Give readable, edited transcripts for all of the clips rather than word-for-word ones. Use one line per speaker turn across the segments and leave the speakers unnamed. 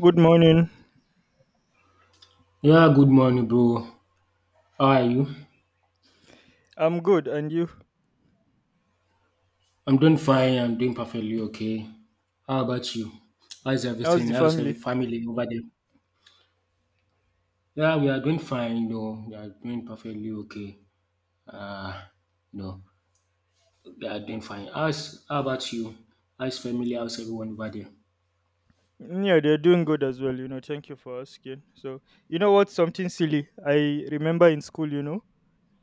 Good morning.
Yeah, good morning, bro. How are you?
I'm good, and you?
I'm doing fine. I'm doing perfectly okay. How about you? How's
How's
everything?
the
How's every
family?
family over there? Yeah, we are doing fine. You know, we are doing perfectly okay. Uh, no, we are doing fine. How about you? How's family? How's everyone over there?
Yeah, they're doing good as well. Thank you for asking. So, you know what? Something silly. I remember in school,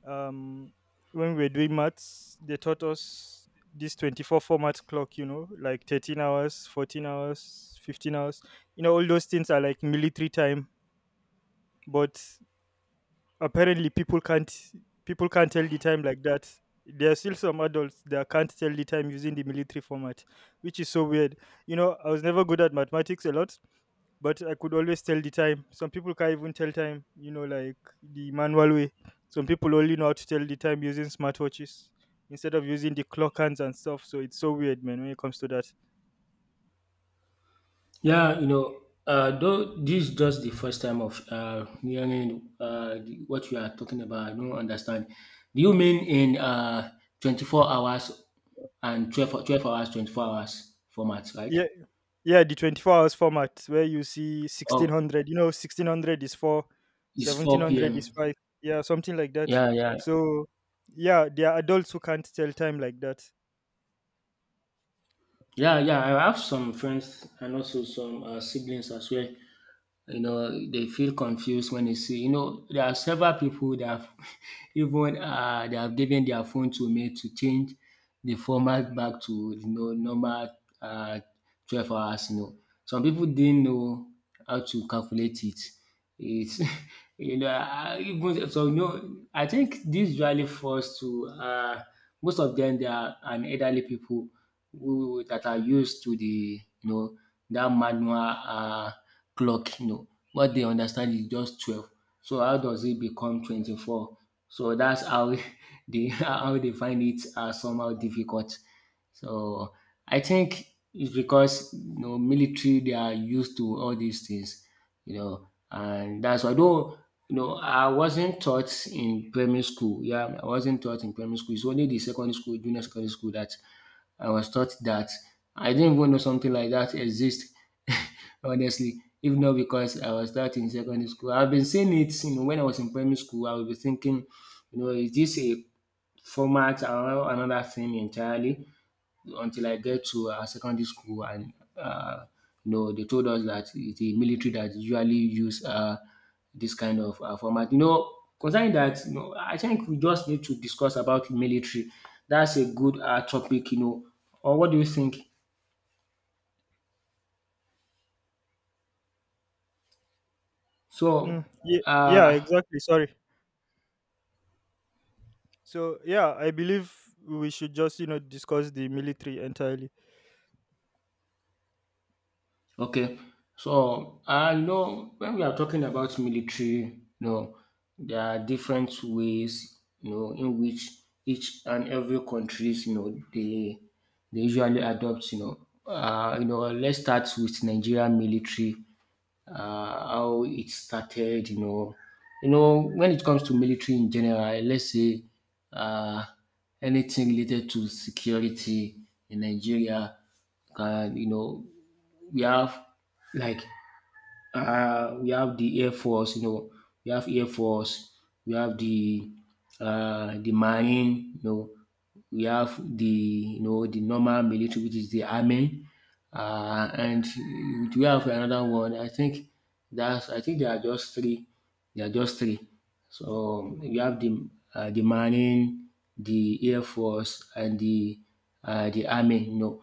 um, when we were doing maths, they taught us this 24 format clock, like 13 hours, 14 hours, 15 hours. All those things are like military time, but apparently people can't tell the time like that. There are still some adults that can't tell the time using the military format, which is so weird. I was never good at mathematics a lot, but I could always tell the time. Some people can't even tell time, like the manual way. Some people only know how to tell the time using smartwatches instead of using the clock hands and stuff. So it's so weird, man, when it comes to that.
Yeah, you know, though this is just the first time of hearing what you are talking about. I don't understand. Do you mean in 24 hours and 12 hours, 24 hours format, right?
Yeah, yeah, the 24 hours format where you see
Oh,
1600. 1600 is 4,
it's
seventeen
4
hundred is
p.m.
5. Yeah, something like that.
Yeah, yeah.
So, yeah, there are adults who can't tell time like that.
Yeah, yeah. I have some friends and also some siblings as well, you know, they feel confused when they see, you know, there are several people that have even they have given their phone to me to change the format back to, you know, normal, uh, 12 hours. You know, some people didn't know how to calculate it. It's even so, you know, I think this usually falls to most of them. They are an elderly people who that are used to the, you know, that manual clock, you know. What they understand is just 12. So how does it become 24? So that's how they find it somehow difficult. So I think it's because, you know, military, they are used to all these things, you know, and that's why, though, you know, I wasn't taught in primary school. Yeah, I wasn't taught in primary school. It's only the secondary school, junior secondary school, that I was taught that. I didn't even know something like that exists. Honestly, if not because I was taught in secondary school. I've been seeing it, you know, when I was in primary school, I would be thinking, you know, is this a format or another thing entirely? Until I get to secondary school and, you know, they told us that it's the military that usually use this kind of format. You know, concerning that, you know, I think we just need to discuss about military. That's a good topic, you know. Or what do you think?
Mm,
So,
yeah, yeah,
uh,
exactly. Sorry. So, yeah, I believe we should just, discuss the military entirely.
okay. So, I know, when we are talking about military, you know, there are different ways, you know, in which each and every countries, you know, they usually adopt, you know, let's start with Nigeria military, uh, how it started, you know, when it comes to military in general, let's say, uh, anything related to security in Nigeria, can, you know, we have like, we have the Air Force, you know, we have Air Force, we have the Marine, you know, we have the, you know, the normal military, which is the army. Uh, and we have another one. I think that's I think there are just three. There are just three. So you have the Marine, the Air Force, and the army, you know.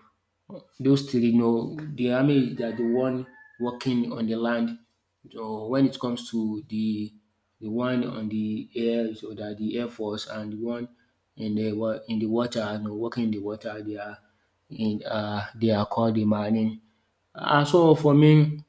Those three, you know, the army, they are the one working on the land. So when it comes to the one on the air, so that the air force, and the one in the water, you know, working in the water, they are in, they are called the marine. And so for me,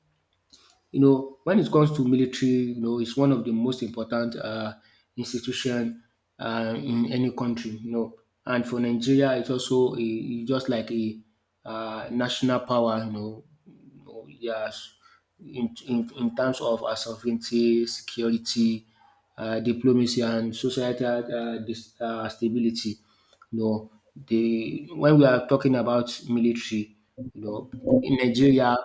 you know, when it comes to military, you know, it's one of the most important institution in any country, you know. And for Nigeria, it's also a, just like a, national power, you know, yes, in terms of our sovereignty, security, diplomacy, and societal stability, you know, they, when we are talking about military, you know, in Nigeria,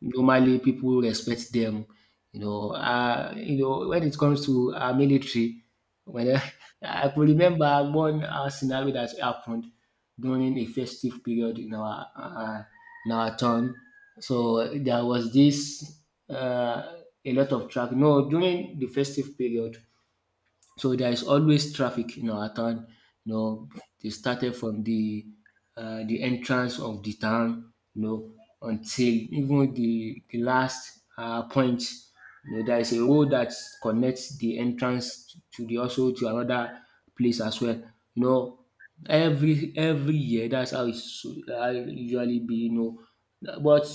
normally people respect them. You know, when it comes to our military, when I, I could remember one scenario that happened during a festive period in our town. So there was this uh, a lot of traffic. No, during the festive period, so there is always traffic in our town. You know, they started from the entrance of the town, you know, until even the last point. You know, there is a road that connects the entrance to the also to another place as well. You know, every year that's how it's usually be. You know, but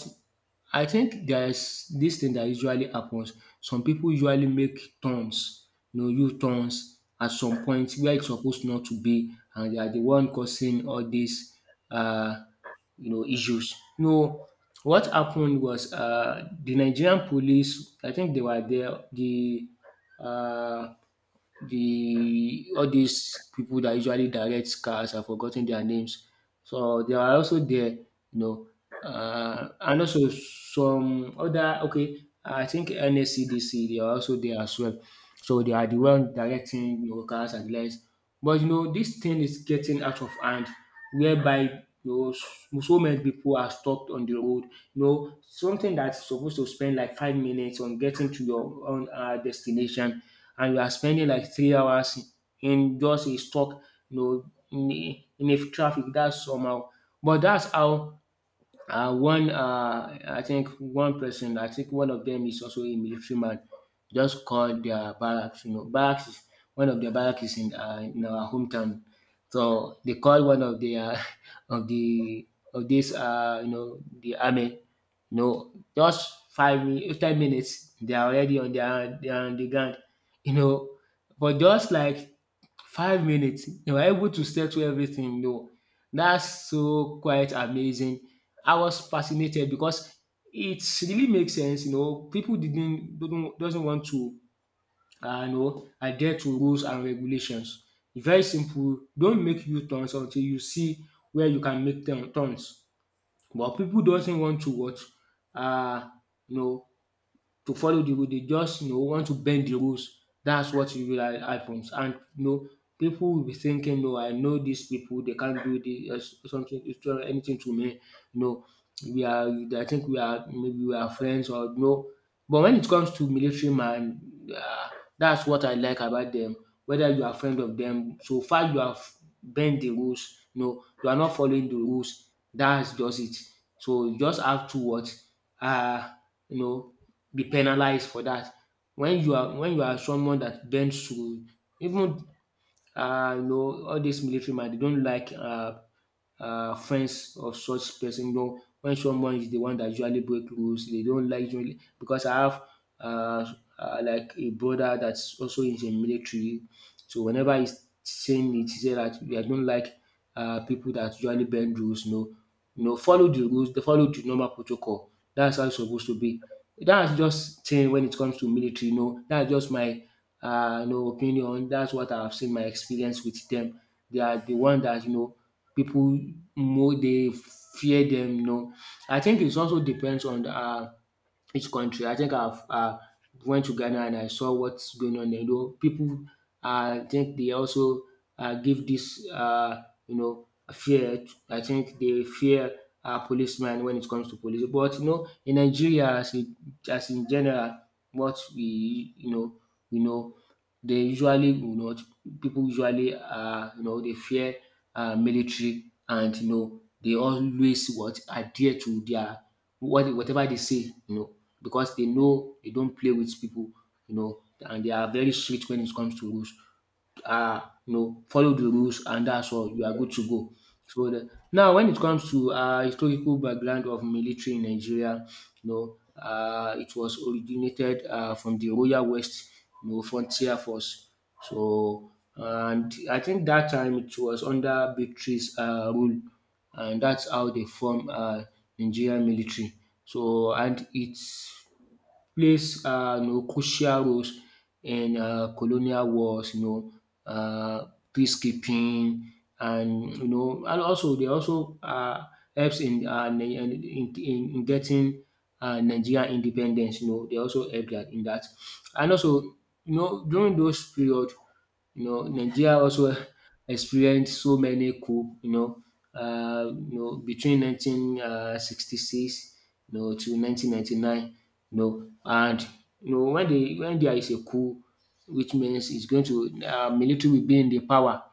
I think there's this thing that usually happens. Some people usually make turns, you know, U-turns at some point where it's supposed not to be, and they are the one causing all these, uh, you know, issues. No, what happened was the Nigerian police. I think they were there. Uh, the all these people that usually direct cars, I've forgotten their names. So they are also there, you know. And also some other, okay, I think NACDC. They are also there as well. So they are the one directing, you know, cars and lights. But you know, this thing is getting out of hand, whereby, you know, so many people are stuck on the road. You know, something that's supposed to spend like 5 minutes on getting to your own destination, and you are spending like 3 hours in just a stuck, you know, in a traffic. That's somehow. But that's how, I think one person, I think one of them is also a military man, just called their barracks. You know, barracks is one of the barracks is in our hometown, so they called one of the of the of this, you know, the army. You know, just 5 minutes, 10 minutes, they are already on their, they are on the ground. You know, but just like 5 minutes, they were able to settle everything. You know, that's so quite amazing. I was fascinated because it really makes sense, you know. People didn't don't doesn't want to, you know, adhere to rules and regulations. It's very simple. Don't make U turns until you see where you can make turns. But people doesn't want to what, uh you know, to follow the rule. They just, you know, want to bend the rules. That's what usually happens. And you know, people will be thinking, no, I know these people. They can't do this, something, it's not anything to me. You know, we are. I think we are, maybe we are friends or no. But when it comes to military man, uh, that's what I like about them. Whether you are friend of them, so far you have bend the rules. No, you are not following the rules. That's just it. So you just have to what, uh, you know, be penalized for that. When you are someone that bends rule, even, you know, all these military man, they don't like, friends of such person. You know, when someone is the one that usually break rules, they don't like usually, because I have, uh, like a brother that's also in the military. So whenever he's saying it, he say that I don't like, people that usually bend rules. You know, follow the rules. They follow the normal protocol. That's how it's supposed to be. That's just thing when it comes to military. You know, that's just my, you know, opinion. That's what I've seen, my experience with them. They are the one that, you know, people, more they fear them. You know, I think it also depends on the. Each country. I think I've, went to Ghana and I saw what's going on there. You know, people, I think they also, give this, you know, fear. I think they fear, policemen when it comes to police. But you know, in Nigeria, as in general, what we you know, they usually, you know, people usually, you know, they fear, military, and you know they always what adhere to their, whatever they say, you know, because they know they don't play with people, you know, and they are very strict when it comes to rules. You know, follow the rules, and that's all. You are good to go. So the, now, when it comes to historical background of military in Nigeria, you know, it was originated from the Royal West, you know, Frontier Force. So, and I think that time it was under Victory's rule, and that's how they form Nigerian military. So and it plays, you know, crucial roles in colonial wars, you know, uh, peacekeeping, and you know, and also they also, helps in, in getting Nigerian independence. They also help that in that, and also during those period. Nigeria also experienced so many coup, between 1966 to 1999. And when there is a coup, which means it's going to military will be in the power,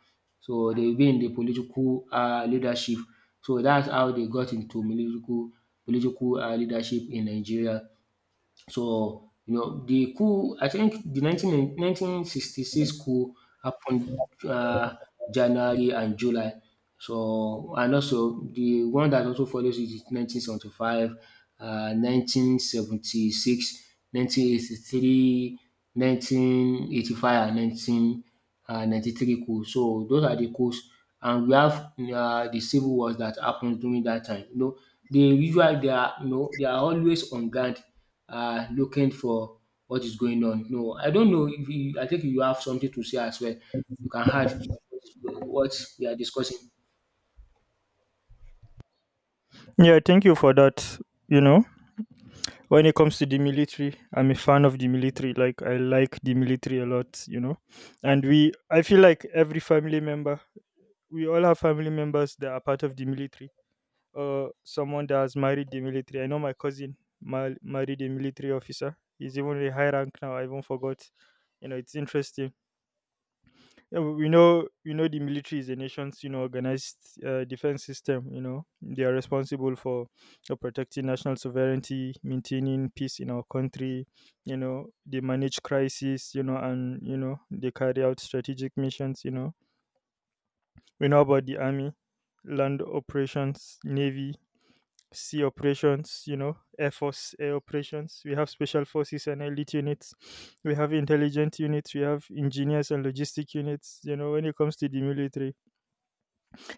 so they will be in the political leadership. So that's how they got into political leadership in Nigeria. So, the coup, I think the nineteen sixty six coup happened January and July. So, and also the one that also follows it is 1975, 1976, and 1993 coup. So, those are the coups. And we have the civil wars that happened during that time. They usually they are always on guard, looking for what is going on. No, I don't know if you, I think you have something to say as well. You can add what we are discussing.
Yeah, thank you for that, you know. When it comes to the military, I'm a fan of the military. Like, I like the military a lot, And we I feel like every family member, we all have family members that are part of the military. Someone that has married the military. I know my cousin married a military officer. He's even a high rank now, I even forgot. It's interesting. Yeah, we know the military is the nation's organized defense system. You know they are responsible for protecting national sovereignty, maintaining peace in our country. You know they manage crises. You know, and you know they carry out strategic missions. You know we know about the army, land operations, navy, sea operations, air force air operations. We have special forces and elite units. We have intelligent units. We have engineers and logistic units. You know, when it comes to the military,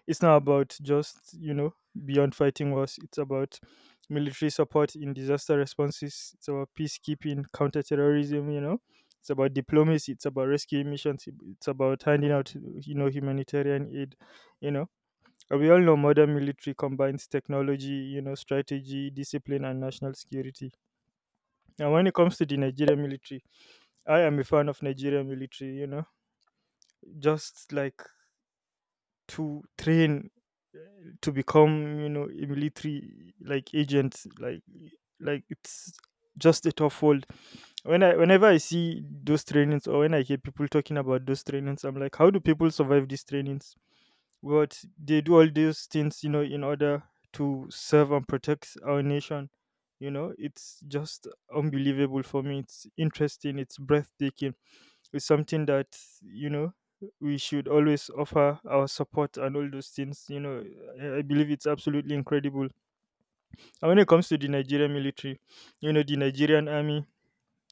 it's not about just beyond fighting wars. It's about military support in disaster responses. It's about peacekeeping, counterterrorism. You know. It's about diplomacy. It's about rescue missions. It's about handing out, humanitarian aid. You know, and we all know modern military combines technology, strategy, discipline, and national security. And when it comes to the Nigerian military, I am a fan of Nigerian military. You know, just like to train uh, to become, a military like agent, like it's just a tough world. Whenever I see those trainings or when I hear people talking about those trainings, I'm like, how do people survive these trainings? But they do all these things, in order to serve and protect our nation. It's just unbelievable for me. It's interesting. It's breathtaking. It's something that, you know, we should always offer our support and all those things. You know, I believe it's absolutely incredible. And when it comes to the Nigerian military, the Nigerian army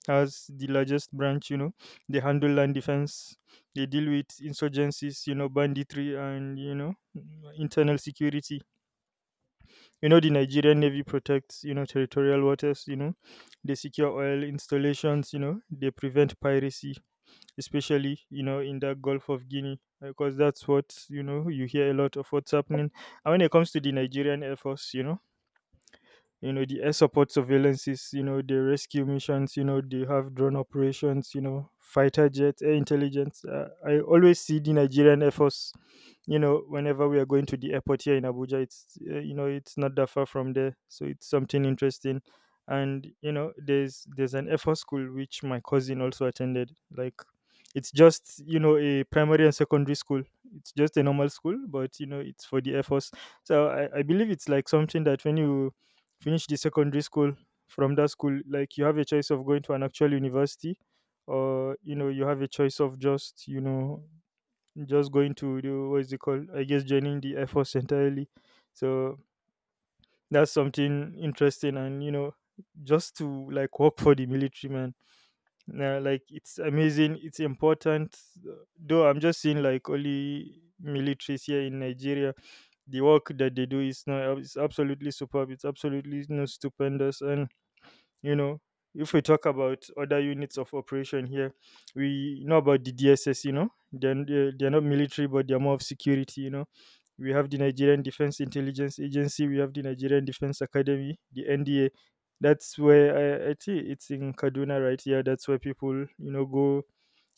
as the largest branch, They handle land defense, they deal with insurgencies, banditry and, internal security. You know, the Nigerian Navy protects, territorial waters, they secure oil installations, they prevent piracy, especially, in the Gulf of Guinea, because that's what, you hear a lot of what's happening. And when it comes to the Nigerian Air Force, the air support surveillances, the rescue missions, they have drone operations, fighter jets, air intelligence. I always see the Nigerian Air Force whenever we are going to the airport here in Abuja. It's it's not that far from there, so it's something interesting. And there's an F4 school which my cousin also attended. Like, it's just a primary and secondary school. It's just a normal school, but it's for the air force. So I believe it's like something that when you finish the secondary school from that school, like, you have a choice of going to an actual university. Or you have a choice of just just going to do, what is it called? I guess joining the Air Force entirely. So that's something interesting, and just to like work for the military man, like, it's amazing, it's important. Though I'm just seeing like only militaries here in Nigeria, the work that they do is no, it's absolutely superb, it's absolutely no stupendous. And you know, if we talk about other units of operation here, we know about the DSS, they're not military, but they're more of security, We have the Nigerian Defense Intelligence Agency, we have the Nigerian Defense Academy, the NDA. That's where I think it's in Kaduna right here. That's where people, go,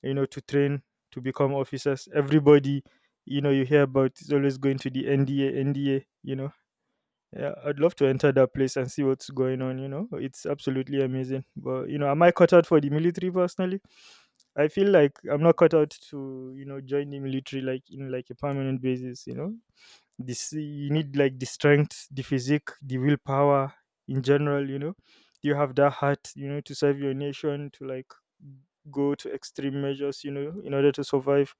to train to become officers. Everybody, you hear about is always going to the NDA, NDA, yeah, I'd love to enter that place and see what's going on, It's absolutely amazing. But, am I cut out for the military personally? I feel like I'm not cut out to, join the military like in like a permanent basis, This, you need like the strength, the physique, the willpower in general, you know. You have that heart, to serve your nation, to like go to extreme measures, in order to survive.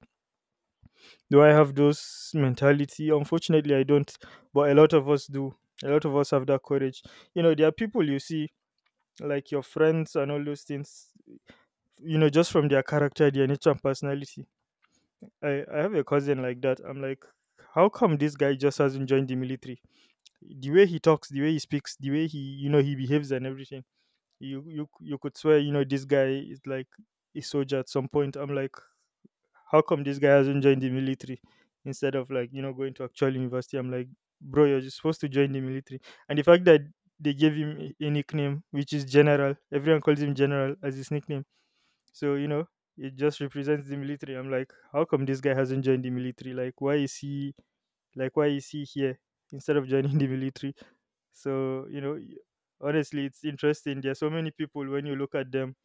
Do I have those mentality? Unfortunately, I don't, but a lot of us do. A lot of us have that courage. You know, there are people you see, like your friends and all those things, just from their character, their nature and personality. I have a cousin like that. I'm like, how come this guy just hasn't joined the military? The way he talks, the way he speaks, the way he, he behaves and everything. You could swear, this guy is like a soldier at some point. I'm like, how come this guy hasn't joined the military instead of like going to actual university. I'm like, bro, you're just supposed to join the military. And the fact that they gave him a nickname, which is General. Everyone calls him General as his nickname. So it just represents the military. I'm like, how come this guy hasn't joined the military? Like why is he here, instead of joining the military. So honestly, it's interesting. There are so many people when you look at them,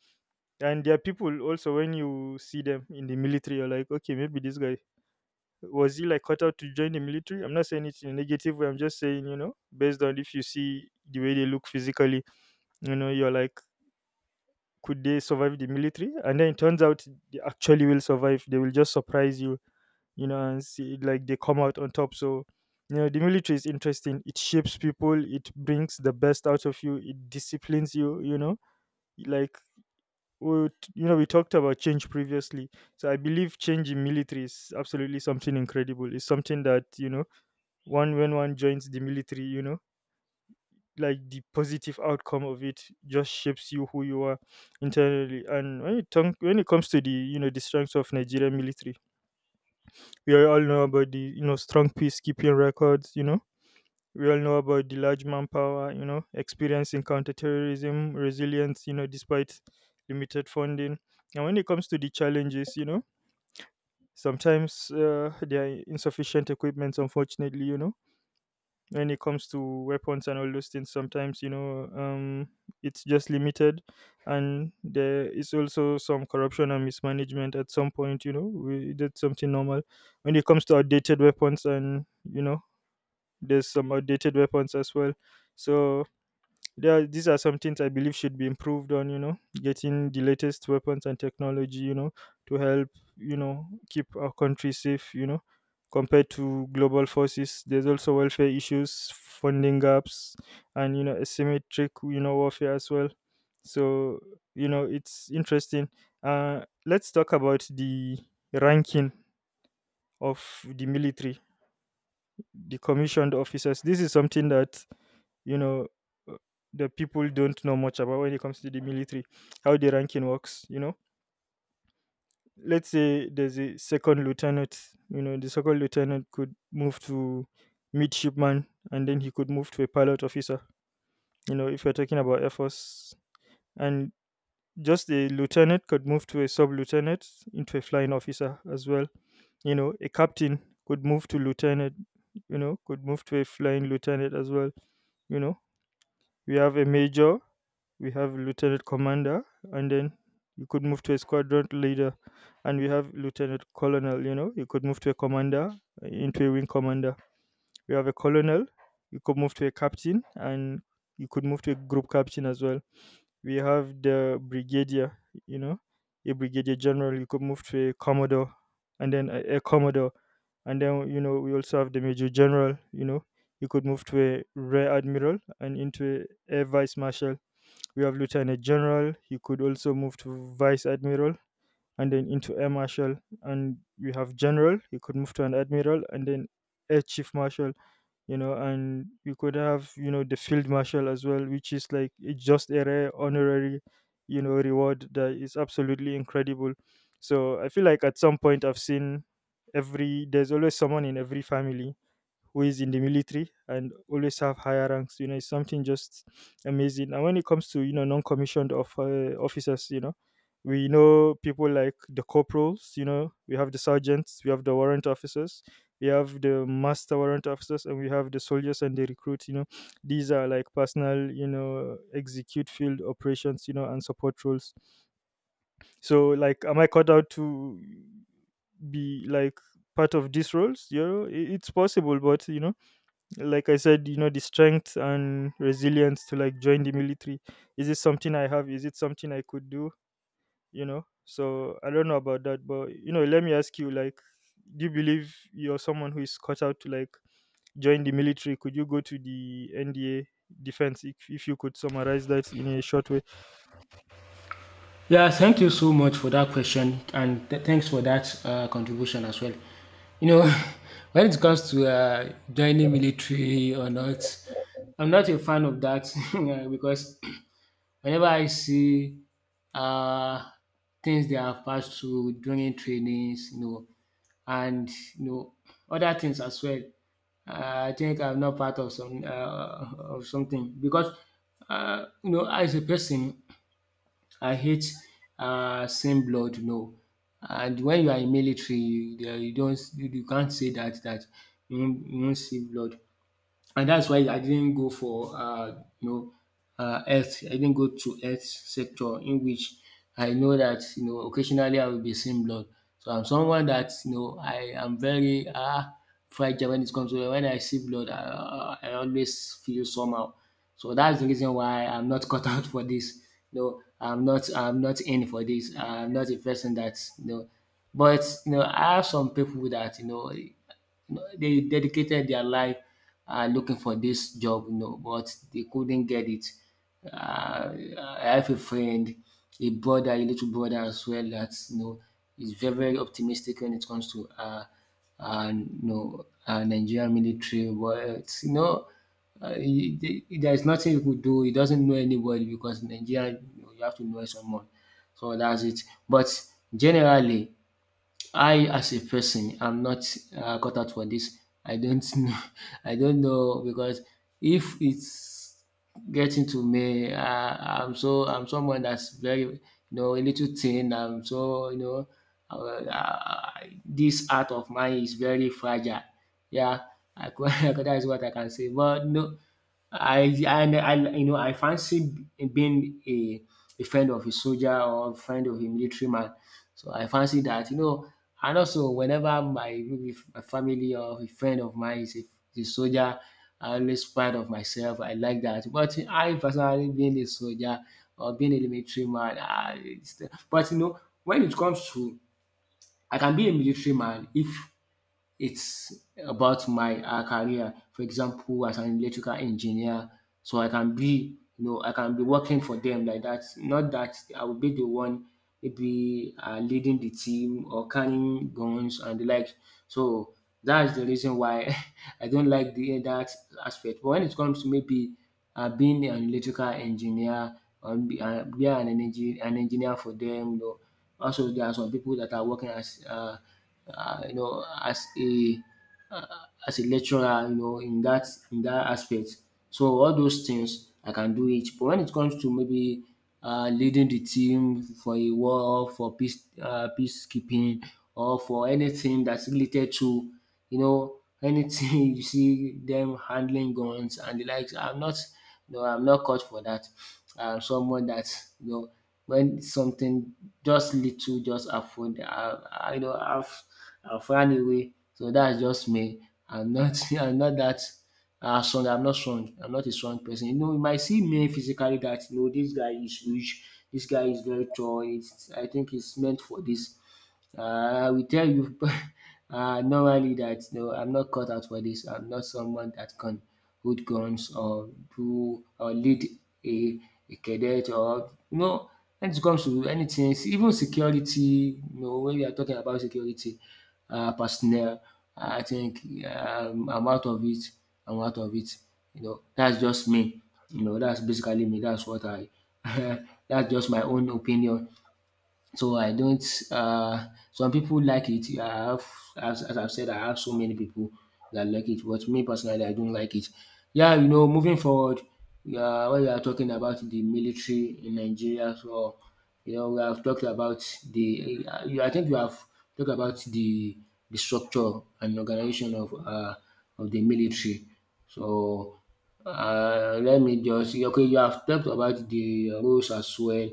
and there are people also when you see them in the military, you're like, okay, maybe this guy, was he like cut out to join the military? I'm not saying it's in a negative way. I'm just saying, based on if you see the way they look physically, you're like, could they survive the military? And then it turns out they actually will survive. They will just surprise you, and see like they come out on top. So, the military is interesting. It shapes people. It brings the best out of you. It disciplines you. You know, like we, we talked about change previously. So I believe change in military is absolutely something incredible. It's something that one when one joins the military like the positive outcome of it just shapes you who you are internally. And when it comes to the the strengths of Nigerian military, we all know about the strong peacekeeping records. We all know about the large manpower, experience in counterterrorism, resilience, despite limited funding. And when it comes to the challenges, sometimes, there are insufficient equipment, unfortunately, when it comes to weapons and all those things sometimes, it's just limited. And there is also some corruption and mismanagement at some point. You know, that's something normal. When it comes to outdated weapons and, you know there's some outdated weapons as well. So, these are some things I believe should be improved on. You know, getting the latest weapons and technology. You know, to help keep our country safe. You know, compared to global forces, there's also welfare issues, funding gaps, and asymmetric warfare as well. So it's interesting. Let's talk about the ranking of the military, the commissioned officers. This is something that you know uh, the people don't know much about when it comes to the military. How the ranking works, let's say there's a second lieutenant. The second lieutenant could move to midshipman, and then he could move to a pilot officer, if you're talking about air force. And just a lieutenant could move to a sub lieutenant, into a flying officer as well. A captain could move to lieutenant, could move to a flying lieutenant as well. You know we have a major, we have lieutenant commander, and then you could move to a squadron leader. And we have lieutenant colonel, you could move to a commander, into a wing commander. We have a colonel, you could move to a captain, and you could move to a group captain as well. We have the brigadier, you know a brigadier general, you could move to a commodore, and then a commodore. And then we also have the major general. You could move to a rear admiral, and into a vice marshal. We have lieutenant general. He could also move to vice admiral, and then into air marshal. And we have general. He could move to an admiral, and then air chief marshal. And we could have the field marshal as well, which is like it's just a rare honorary reward that is absolutely incredible. So I feel like at some point I've seen every there's always someone in every family who is in the military and always have higher ranks. It's something just amazing. And when it comes to non-commissioned of officers, we know people like the corporals. We have the sergeants, we have the warrant officers, we have the master warrant officers, and we have the soldiers and the recruits. These are like personal, execute field operations, and support roles. So, like, am I cut out to be like part of these roles? It's possible, but like I said, the strength and resilience to like join the military. Is it something I have? Is it something I could do? So I don't know about that. But let me ask you, like, do you believe you're someone who is cut out to like join the military? Could you go to the NDA defense? If you could summarize that in a short way.
Yeah, thank you so much for that question, and thanks for that contribution as well. You know, when it comes to joining military or not, I'm not a fan of that because whenever I see um things they have passed through during trainings, and you know other things as well. I think I'm not part of some of something because as a person, I hate seeing blood, and when you are in military, you don't, you can't say that you won't see blood. And that's why I didn't go for health. I didn't go to health sector in which I know that occasionally I will be seeing blood. So I'm someone that I am very fragile. When it comes to when I see blood, I always feel somehow. So that's the reason why I'm not cut out for this. No, I'm not in for this. I'm not a person that, but I have some people that they dedicated their life looking for this job, but they couldn't get it. I have a friend, a brother, a little brother as well, that is very very optimistic when it comes to Nigerian military. But there is nothing you could do. He doesn't know anybody because in Nigeria, you have to know someone. So that's it. But generally, I, as a person, I'm not cut out for this. I don't know. I don't know because if it's getting to me, I'm someone that's very, a little thin. I'm so you know uh, uh, this art of mine is very fragile. Yeah, that is what I can say. But no. I I I fancy being a friend of a soldier or a friend of a military man. So I fancy that. And also, whenever my maybe my family or a friend of mine is a soldier, I always proud of myself. I like that. But I personally being a soldier or being a military man, but when it comes to, I can be a military man if it's about my career. For example, as an electrical engineer, so I can be working for them like that. Not that I will be the one, maybe leading the team or carrying guns and the like. So that's the reason why I don't like the that aspect. But when it comes to, maybe being an electrical engineer, or be an engineer for them. Also, there are some people that are working as uh, you know, as a uh, as a lecturer, in that aspect. So all those things I can do it. But when it comes to, maybe leading the team for a war, for peacekeeping, or for anything that's related to, anything, you see them handling guns and the likes. I'm not, No, I'm not cut for that. I'm someone that, you know when something just little, just avoid. I you know I've run away. So that's just me. I'm not I'm not that strong. I'm not strong. I'm not a strong person. You might see me physically that, this guy is huge. This guy is very tall. I think it's meant for this. I will tell you normally that no, I'm not cut out for this. I'm not someone that can, who guns, or do, or lead a cadet, or when it comes to anything, even security. When we are talking about security personnel, I think I'm out of it. I'm out of it. That's just me. That's basically me. That's what I, that's just my own opinion. So I don't. Some people like it. I have, as, I've said, I have so many people that like it, but me personally, I don't like it. Yeah, moving forward. Yeah, when we are talking about the military in Nigeria, so we have talked about I think we have talked about the structure and organization of the military. So let me just, okay. You have talked about the rules as well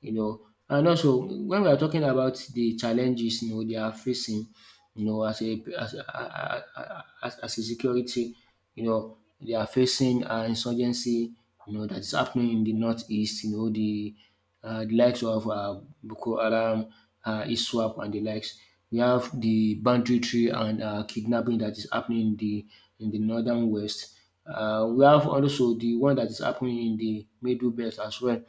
you know. And also, when we are talking about the challenges they are facing, as a security, they are facing insurgency, that is happening in the northeast, the likes of Boko Haram, ISWAP, and the likes. We have the banditry and kidnapping that is happening in the northern west. We have also the one that is happening in the middle belt as well,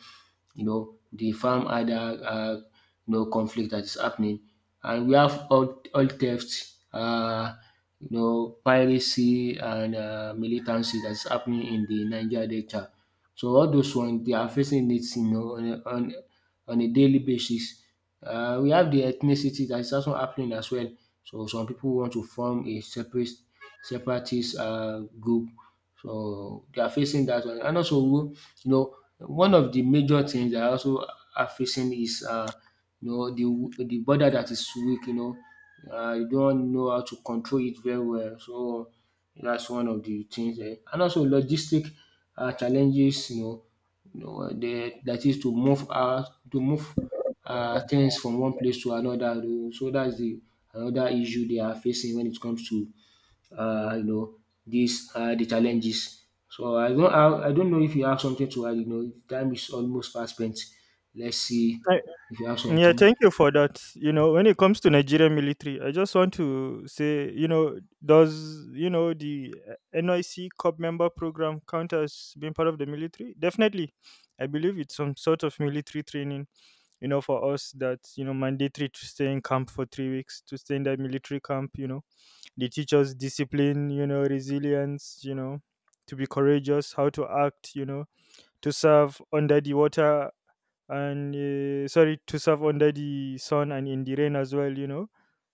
the farm had that conflict that is happening. And we have all theft, piracy, and militancy that's happening in the Niger Delta. So all those ones, they are facing it, on a daily basis. We have the ethnicity that is also happening as well. So some people want to form a separate separatist group. So they are facing that one. And also, one of the major things that I also are facing is the border that is weak. You don't know how to control it very well, so that's one of the things. And also, logistic challenges. The that is to move to move things from one place to another. So that's the another issue they are facing when it comes to you know, these are the challenges. So I don't know if you have something to add. Time is almost fast spent. Let's see
I,
if you have
Yeah,
something.
thank you for that. When it comes to Nigerian military, I just want to say, does the NIC Corps member program count as being part of the military? Definitely, I believe it's some sort of military training. For us, that's mandatory to stay in camp for 3 weeks to stay in that military camp. They teach us discipline. Resilience. To be courageous, how to act. To serve under the water and sorry, to serve under the sun and in the rain as well. you know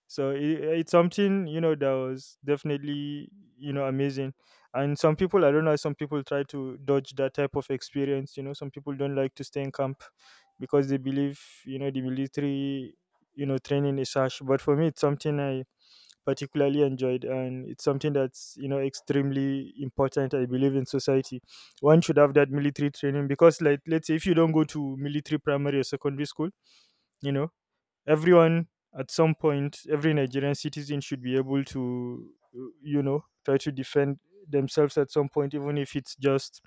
so it's something that was definitely amazing. And some people, I don't know, some people try to dodge that type of experience. Some people don't like to stay in camp because they believe the military training is harsh. But for me, it's something I particularly enjoyed, and it's something that's extremely important. I believe in society, one should have that military training. Because like, let's say if you don't go to military primary or secondary school, you know everyone at some point, every Nigerian citizen, should be able to try to defend themselves at some point, even if it's just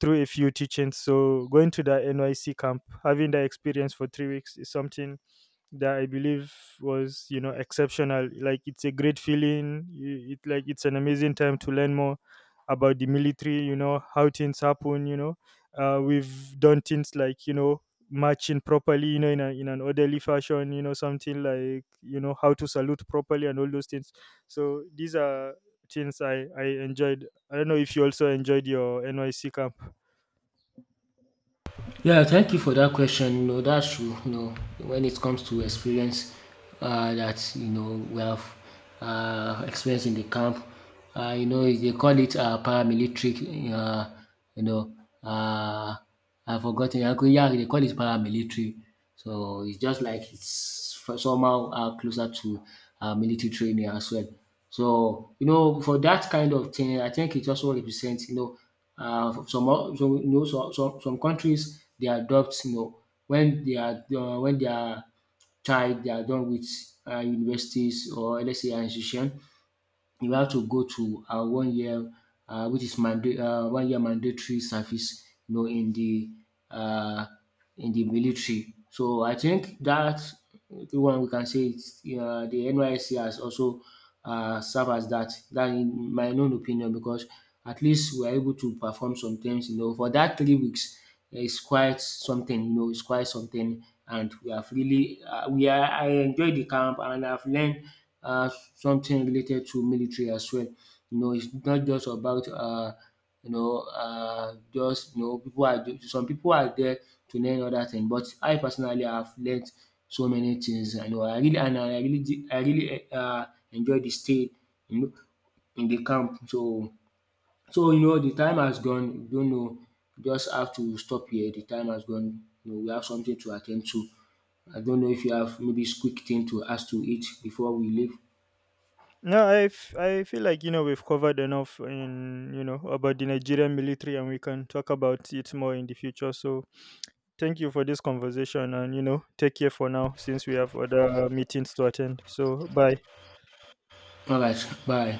through a few teachings. So going to the NYC camp, having that experience for 3 weeks, is something that I believe was exceptional. Like it's a great feeling. It, like, it's an amazing time to learn more about the military. You know how things happen. We've done things like marching properly. In an orderly fashion. Something like how to salute properly and all those things. So these are things I enjoyed. I don't know if you also enjoyed your NYC camp.
Yeah, thank you for that question. No, that's true. When it comes to experience that we have experienced in the camp, they call it paramilitary. You know, uh, I've forgotten. Yeah, they call it paramilitary. So it's just like it's somehow closer to military training as well. So for that kind of thing, I think it also represents some countries they adopt, when their when they are, child they are done with universities, or let's say an institution, you have to go to one year, which is one year mandatory service, in the, uh, in the military. So I think that the one we can say the NYSC has also serve as that. That, in my own opinion, because at least we are able to perform some things, for that 3 weeks. Yeah, it's quite something, it's quite something. And we have really, we are, I enjoyed the camp, and I've learned something related to military as well. It's not just about, just, some people are there to learn other things. But I personally have learned so many things. I know I really, and I really, did- I really enjoyed the stay, you know, in the camp. So, the time has gone. We don't know. We just have to stop here. The time has gone. We have something to attend to. I don't know if you have maybe quick thing to us to eat before we leave.
No, I feel like we've covered enough in you know about the Nigerian military, and we can talk about it more in the future. So thank you for this conversation, and take care for now, since we have other meetings to attend. So bye.
All right, bye.